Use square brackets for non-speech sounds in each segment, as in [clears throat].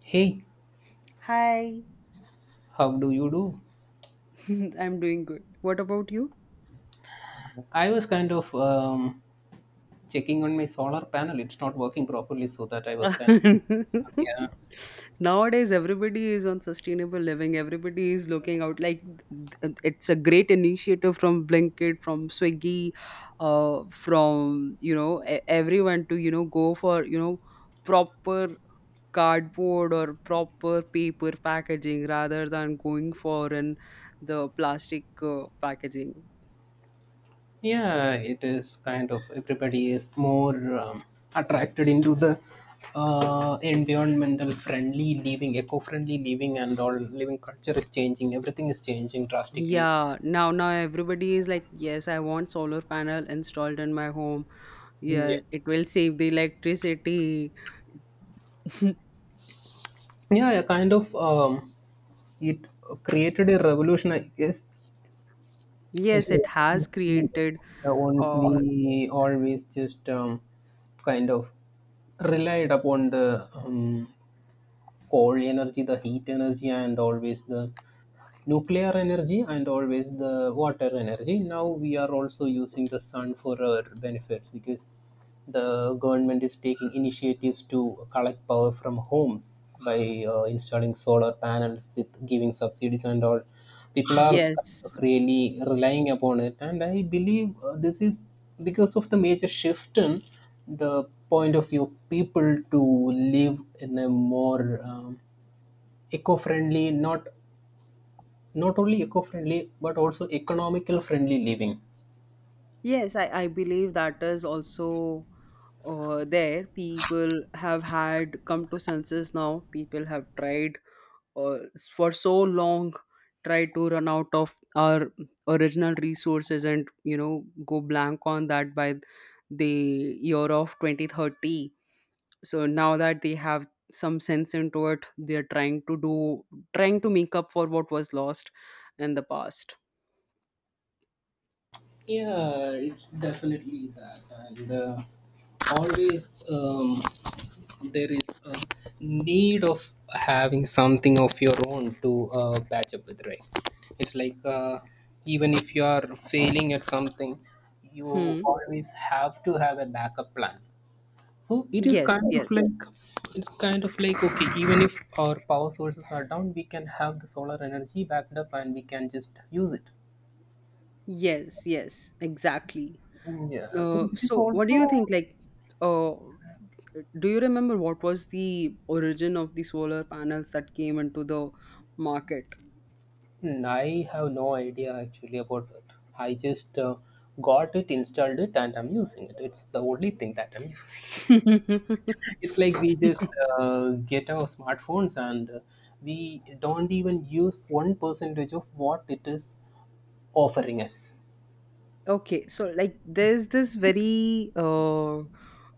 Hey, Hi, how do you do? [laughs] I'm doing good. What about you? I was kind of checking on my solar panel. It's not working properly, so that I was kind of [laughs] yeah, Nowadays, everybody is on sustainable living. Everybody is looking out like it's a great initiative from Blinkit, from Swiggy, from everyone to go for proper cardboard or proper paper packaging rather than going for an the plastic packaging. yeah. It is kind of everybody is more attracted into the environmental friendly living, eco-friendly living, and all living culture is changing. Everything is changing drastically. Yeah, now everybody is like, yes, I want solar panel installed in my home. Yeah, Yeah, it will save the electricity. yeah, yeah, kind of. It created a revolution, I guess. It's Yes, it has like he created. Once Uh, we always just kind of relied upon the coal energy, the heat energy, and always the nuclear energy and always the water energy. Now we are also using the sun for our benefits because the government is taking initiatives to collect power from homes by installing solar panels with giving subsidies and all. People are yes, really relying upon it, and I believe this is because of the major shift in the point of view people to live in a more eco-friendly, not only eco-friendly but also economical friendly living. yes, I believe that is also there. People have had come to senses now. People have tried uh, for so long, try to run out of our original resources, and you know go blank on that by the year of 2030. So now that they have some sense into it, they're trying to do, trying to make up for what was lost in the past. Yeah, it's definitely that, and always, there is a need of having something of your own to patch up with, right? It's like, even if you are failing at something, you Hmm. always have to have a backup plan. So it is Yes, kind of yes. like, it's kind of like, okay, even if our power sources are down, we can have the solar energy backed up and we can just use it. Yes, yes, exactly. Yeah, so it is so what do you also. think, like uh do you remember what was the origin of the solar panels that came into the market? Hmm, I have no idea actually about it. I just got it, installed it, and I'm using it. It's the only thing that I'm using. [laughs] It's like [laughs] we just get our smartphones, and we don't even use one percentage of what it is offering us. Okay, so like there's this very uh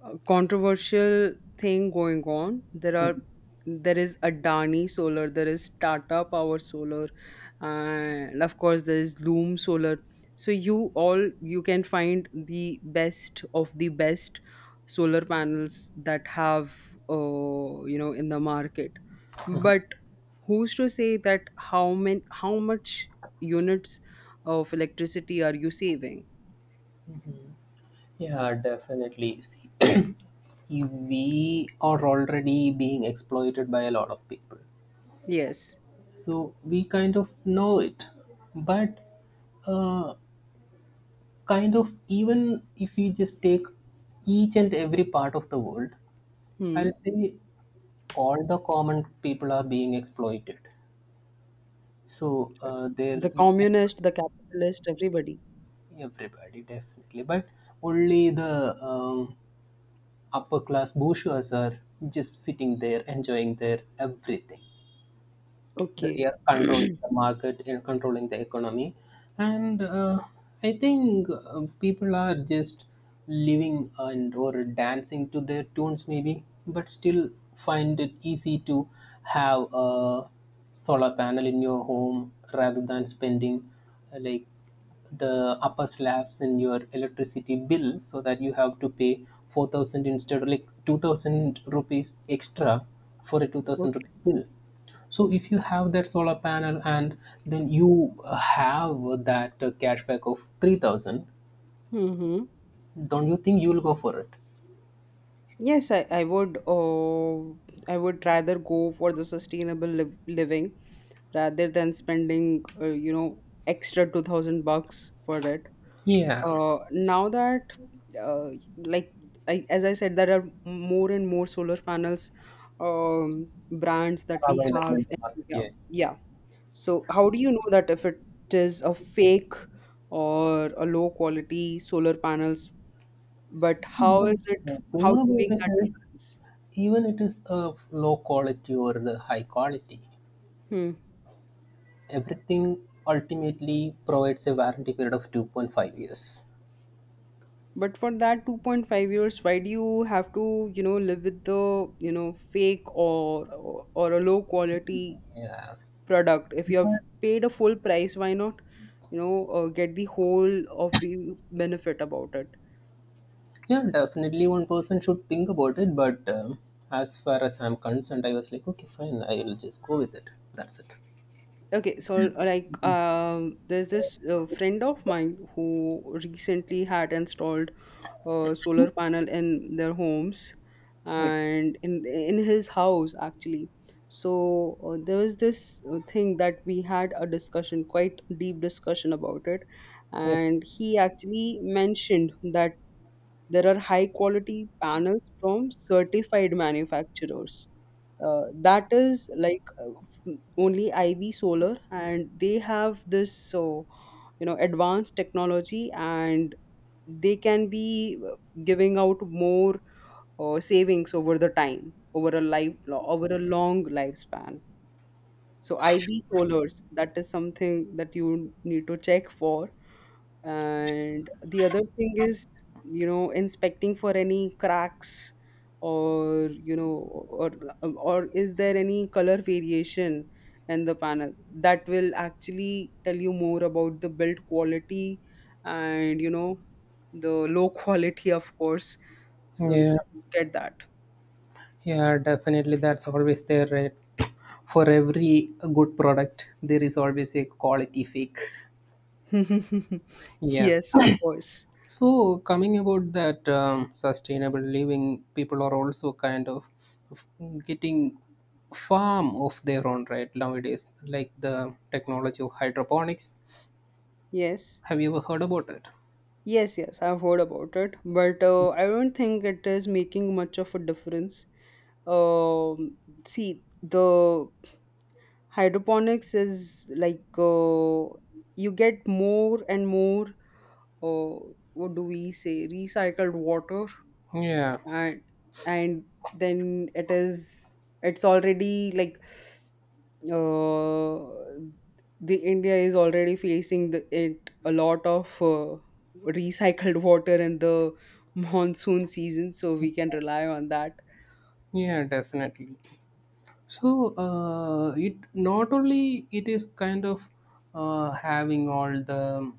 uh, controversial thing going on. There is Adani Solar, there is Tata Power Solar, and of course there is Loom Solar. So you can find the best of the best solar panels that have you know in the market. But who's to say that how much units of electricity are you saving? Yeah, definitely. See, [clears throat] we are already being exploited by a lot of people. Yes. So we kind of know it. But uh, kind of, even if you just take each and every part of the world, Hmm. I'll say all the common people are being exploited. So there The we can, communist, the capitalist, everybody. everybody definitely, but only the upper class bourgeois are just sitting there enjoying their everything. Okay, They are controlling the market and controlling the economy. And I think people are just living and or dancing to their tunes, maybe, but still find it easy to have a solar panel in your home rather than spending like the upper slabs in your electricity bill, so that you have to pay 4,000 instead of like 2000 rupees extra for a 2000 okay. rupees bill. So if you have that solar panel, and then you have that cashback of 3000, Mm-hmm. don't you think you'll go for it? Yes, I would I would rather go for the living rather than spending you know extra 2000 bucks for it. Yeah. Now that uh, like I, As I said, there are more and more solar panels, brands that we Available have in the in market, India. yes. Yeah. So how do you know that if it is a fake or a low quality solar panels? But how is it? The How thing do you about make it that is, difference? even it is of low quality or the high quality, Hmm. everything ultimately provides a warranty period of 2.5 years. But for that 2.5 years, why do you have to, you know, live with the, you know, fake or or a low quality Yeah. product? If you have paid a full price, why not, you know, get the whole of the benefit about it? Yeah, definitely one person should think about it, but as far as I'm concerned, I was like, okay, fine, I'll just go with it. That's it. Okay, so like there's this friend of mine who recently had installed a solar panel in their homes Yep, and in his house actually. So there was this thing that we had a discussion, quite deep discussion about it, yep. and he actually mentioned that there are high quality panels from certified manufacturers, that is like f- only iv solar, and they have this you know advanced technology, and they can be giving out more savings over the time, over a life, over a long lifespan. So ib solars, that is something that you need to check for. And the other thing is, you know, inspecting for any cracks, or you know, or or is there any color variation in the panel that will actually tell you more about the build quality, and you know, the low [laughs] quality, of course. So you Yeah, get that. yeah, definitely. That's always there, right? For every good product, there is always a quality fake. [laughs] Yeah. Yes, of course. So, coming about that sustainable living, people are also kind of getting farm of their own, right? Nowadays, like the technology of hydroponics. Yes. Have you ever heard about it? Yes, yes, I've heard about it, but I don't think it is making much of a difference. Um, See, the hydroponics is like, you get more and more, uh, what do we say, recycled water, Yeah, and and then it is, it's already like uh, the India is already facing the, it a lot of recycled water in the monsoon season, so we can rely on that. yeah, definitely. So it, not only it is kind of having all the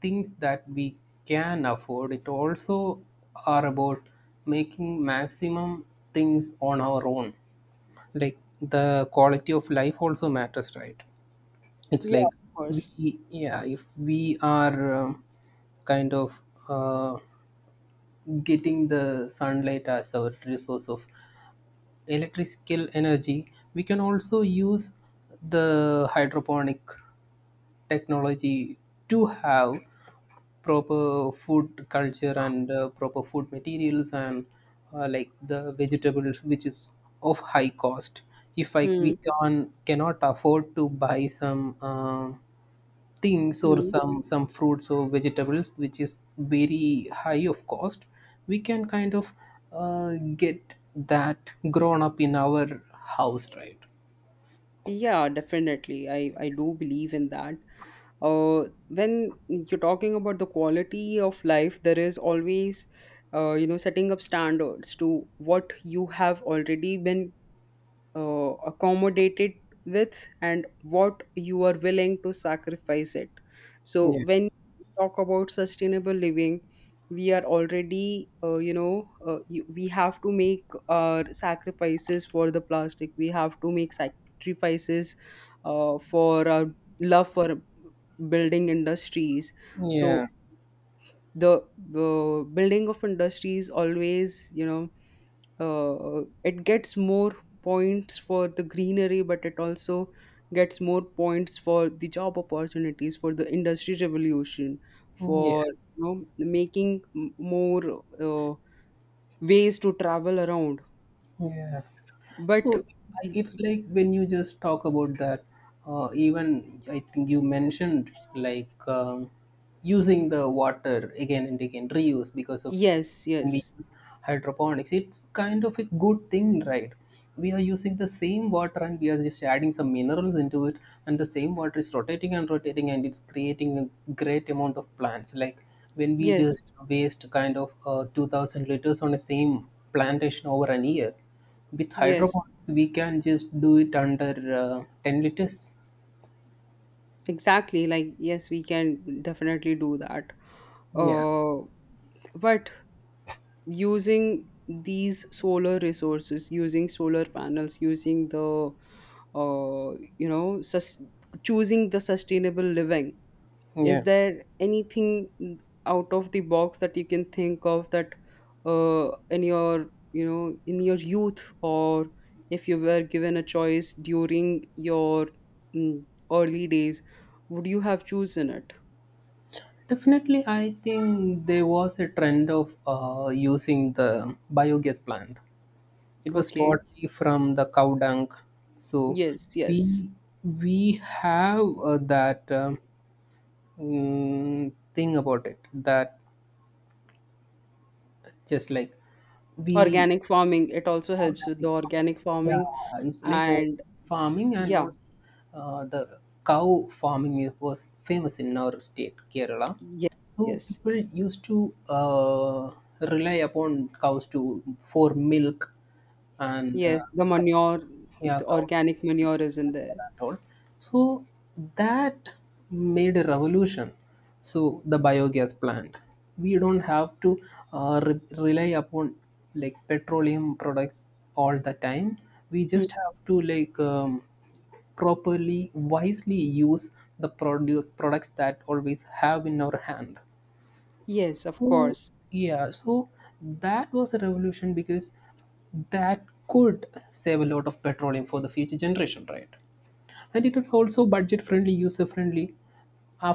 things that we can afford, it also are about making maximum things on our own. Like the quality of life also matters, right? It's Yeah, like of course. we, yeah, if we are kind of uh, getting the sunlight as our resource of electrical energy, we can also use the hydroponic technology to have proper food culture and proper food materials and like the vegetables which is of high cost, if I, we Hmm. can cannot afford to buy some things or Hmm. Some fruits or vegetables which is very high of cost, we can kind of uh, get that grown up in our house, right? Yeah, definitely. I do believe in that. When you're talking about the quality of life, there is always you know setting up standards to what you have already been accommodated with, and what you are willing to sacrifice it. So Yeah, when we talk about sustainable living, we are already you know we have to make our sacrifices for the plastic, we have to make sacrifices for our love for building industries. So the building of industries, always you know it gets more points for the greenery, but it also gets more points for the job opportunities, for the industry revolution, yeah. for you know making more ways to travel around. Yeah. But So I, it's like when you just talk about that, even I think you mentioned like using the water again and again, reuse because of yes, when we yes. use hydroponics. It's kind of a good thing, right? We are using the same water and we are just adding some minerals into it, and the same water is rotating and rotating and it's creating a great amount of plants. Like when we just Yes, waste kind of 2,000 liters on the same plantation over an year, with yes, hydroponics we can just do it under 10 liters. exactly. Like yes, we can definitely do that. Yeah, Uh but using these solar resources, using solar panels, using the uh, you know choosing the sustainable living, is yeah, there anything out of the box that you can think of that in your you know in your youth, or if you were given a choice during your mm, early days, would you have chosen it? definitely. I think there was a trend of using the biogas plant. It was Okay. totally from the cow dung. So Yes, we yes. we have that, thing about it that just like we, Organic farming, it also helps with organic the farm. organic farming. Yeah, it's like And farming and yeah, all. The cow farming was famous in our state, Kerala. yes, So yes. people used to uh, rely upon cows to, for milk, and Yes, the manure, yeah, the cow. organic manure is in there. At all. So that made a revolution. So the biogas plant, we don't have to rely upon like petroleum products all the time. We Hmm. just have to like properly, wisely use the products that always have in our hand. Yes, of So course. yeah, so that was a revolution because that could save a lot of petroleum for the future generation, right? And it was also budget friendly, user friendly.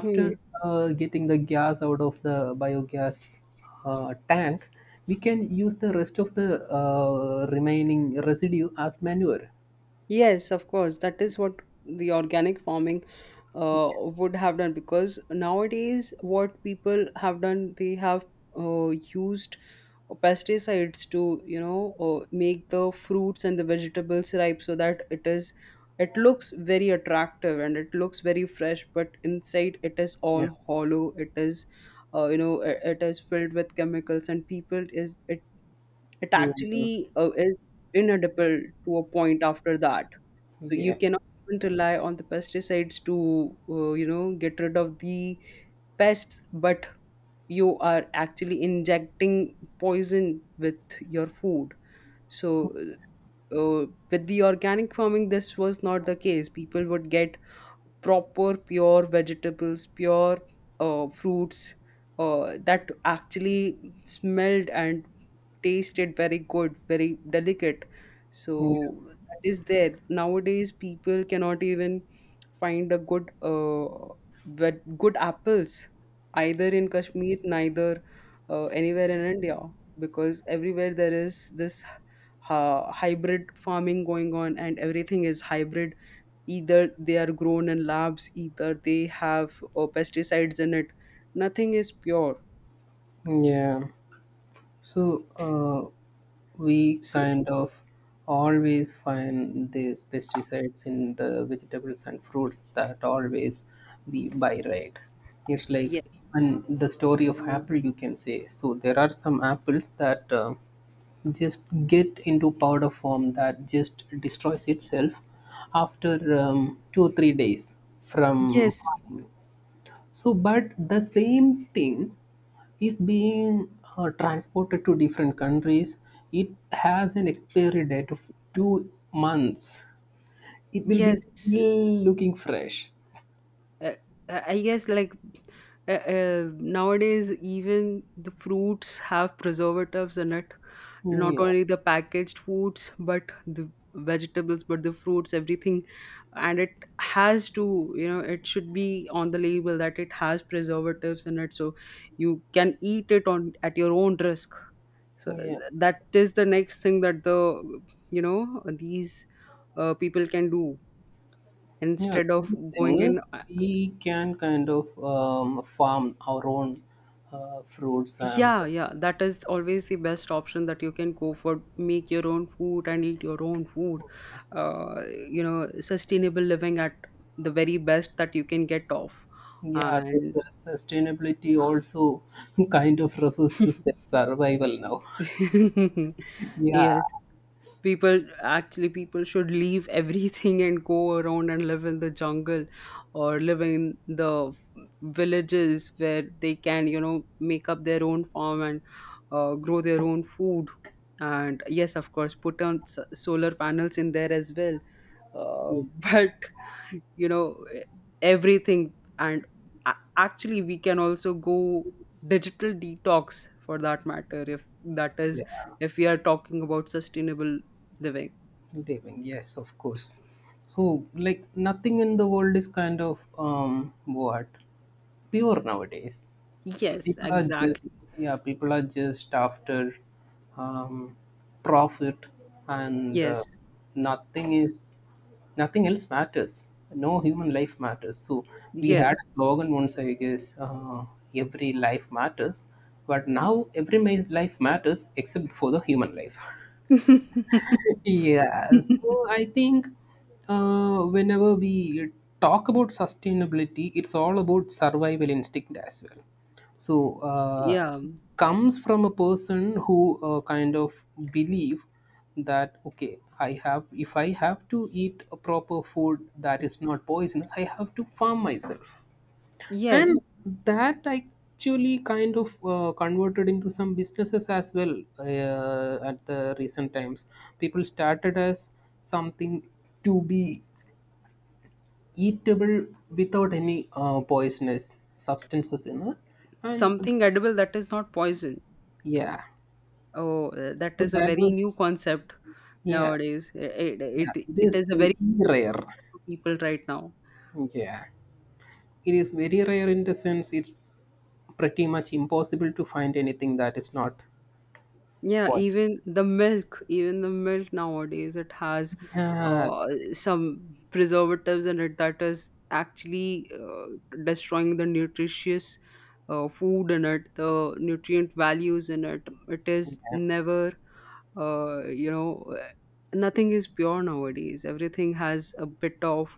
Hmm. Getting the gas out of the biogas tank, we can use the rest of the remaining residue as manure. Yes, of course. That is what the organic farming would have done. Because nowadays, what people have done, they have used or pesticides to you know make the fruits and the vegetables ripe, so that it is, it looks very attractive and it looks very fresh, but inside it is Yeah. all hollow, it is you know it is filled with chemicals, and people is it, it Yeah, actually is inedible to a point after that. So you yeah, cannot even rely on the pesticides to you know get rid of the pests, but you are actually injecting poison with your food. So with the organic farming, this was not the case. People would get proper pure vegetables, pure fruits that actually smelled and tasted very good, very delicate. yeah. So that is there. Nowadays, people cannot even find a good good apples, either in Kashmir, neither anywhere in India, because everywhere there is this hybrid farming going on, and everything is hybrid, either they are grown in labs, either they have pesticides in it. Nothing is pure. Yeah. So we So kind of always find these pesticides in the vegetables and fruits that always we buy, right? It's like, yeah, and the story of apple you can say. So there are some apples that just get into powder form that just destroys itself after 2 or 3 days from yes, farming. So, but the same thing is being transported to different countries. It has an expiry date of 2 months. It will be yes. still looking fresh. uh, I guess like, nowadays even the fruits have preservatives in it. Not Yeah, only the packaged foods, but the vegetables, but the fruits, everything, and it has to, you know, it should be on the label that it has preservatives in it, so you can eat it on at your own risk. So yeah, that is the next thing that the you know these people can do yeah. instead So of the thing going is, in. we can kind of farm our own fruits and Yeah, yeah, that is always the best option that you can go for. Make your own food and eat your own food. Uh, you know, sustainable living at the very best that you can get off. yeah, the And sustainability also [laughs] kind of refers to [laughs] survival now. [laughs] Yeah, yes, people actually, people should leave everything and go around and live in the jungle, or live in the villages where they can, you know, make up their own farm and grow their own food, and yes of course put on solar panels in there as well, uh, [laughs] but you know everything. And actually we can also go digital detox for that matter, if that is, yeah. if we are talking about sustainable living. Living, yes, of course. So, like, nothing in the world is kind of what, pure nowadays. Yes, People are just, exactly. yeah, people are just after um, profit, and Yes, nothing is, nothing else matters. No human life matters. So, we yes. had a slogan once, I guess, every life matters, but now every life matters except for the human life. [laughs] [laughs] Yeah, so I think whenever we talk about sustainability, it's all about survival instinct as well. So Yeah. it comes from a person who kind of believe that, okay, I have, if I have to eat a proper food that is not poisonous, I have to farm myself, Yes, and that actually kind of converted into some businesses as well at the recent times. People started as something to be eatable without any poisonous substances in it, and something edible that is not poison. yeah, Oh, that so is a that very was, new concept yeah, nowadays. It yeah, it it it is is a very very new rare. concept to people right now. Yeah, it is very rare in the sense it's pretty much impossible to find anything that is not Yeah, poison. Even the milk nowadays, it has Yeah, uh, some preservatives in it, that is actually destroying the nutritious food in it, the nutrient values in it. It is yeah, never you know, nothing is pure nowadays. Everything has a bit of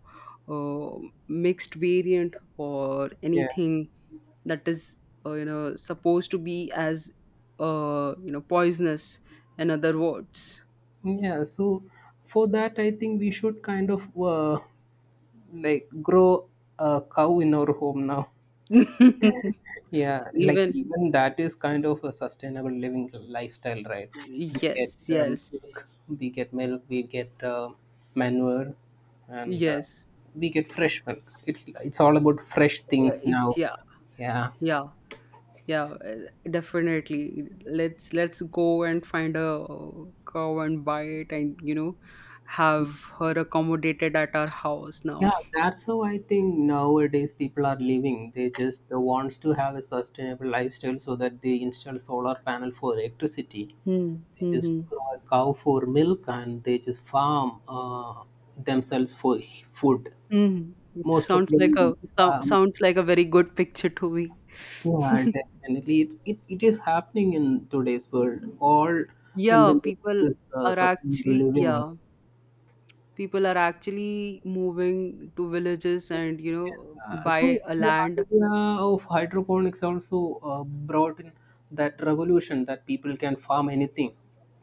uh, mixed variant, or yeah. anything that is you know, supposed to be as you know, poisonous in other words. Yeah, so for that, I think we should kind of like grow a cow in our home now. [laughs] Yeah, like Even even that is kind of a sustainable living lifestyle, right? We get yes, yes, milk, we get manure, and yes. we get fresh milk. It's all about fresh things now. Yeah, Yeah. yeah. Yeah, definitely. Let's go and find a cow and buy it, and you know, have her accommodated at our house now. Yeah, that's how I think nowadays people are living. They just wants to have a sustainable lifestyle so that they install solar panel for electricity. Hmm. They just Hmm. grow a cow for milk and they just farm themselves for food. Hmm. Most of Sounds like them, um, sounds like a very good picture to me. yeah, definitely. It is happening in today's world. All in the Yeah, name of people this are sustainable actually, living. yeah, people are actually moving to villages, and you know, Uh, buy so a the land. idea of hydroponics also brought in that revolution that people can farm anything,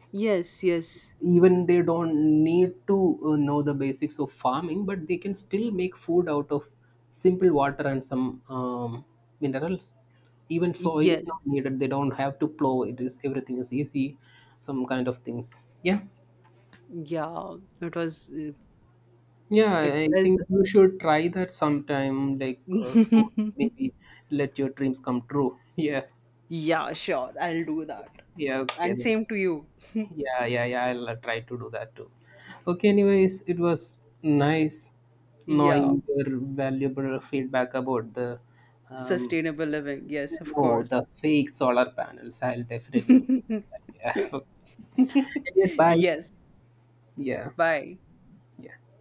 Yes, yes, even they don't need to know the basics of farming, but they can still make food out of simple water and some minerals. Even soil is yes. not needed, they don't have to plow it, is everything is easy, some kind of things. Yeah, Yeah, it was. yeah, i It I is. think you should try that sometime, like [laughs] maybe let your dreams come true. [laughs] Yeah. Yeah, sure. I'll do that. Yeah, okay And then. same to you. Yeah, yeah, yeah. I'll try to do that too. Okay, anyways, it was nice Yeah, knowing your valuable feedback about the um, sustainable living. Yes, of no, course. the fake solar panels. I'll definitely look at that. Yeah. [laughs] [laughs] Okay. Anyways, bye. Yes, Yeah. bye. Yeah.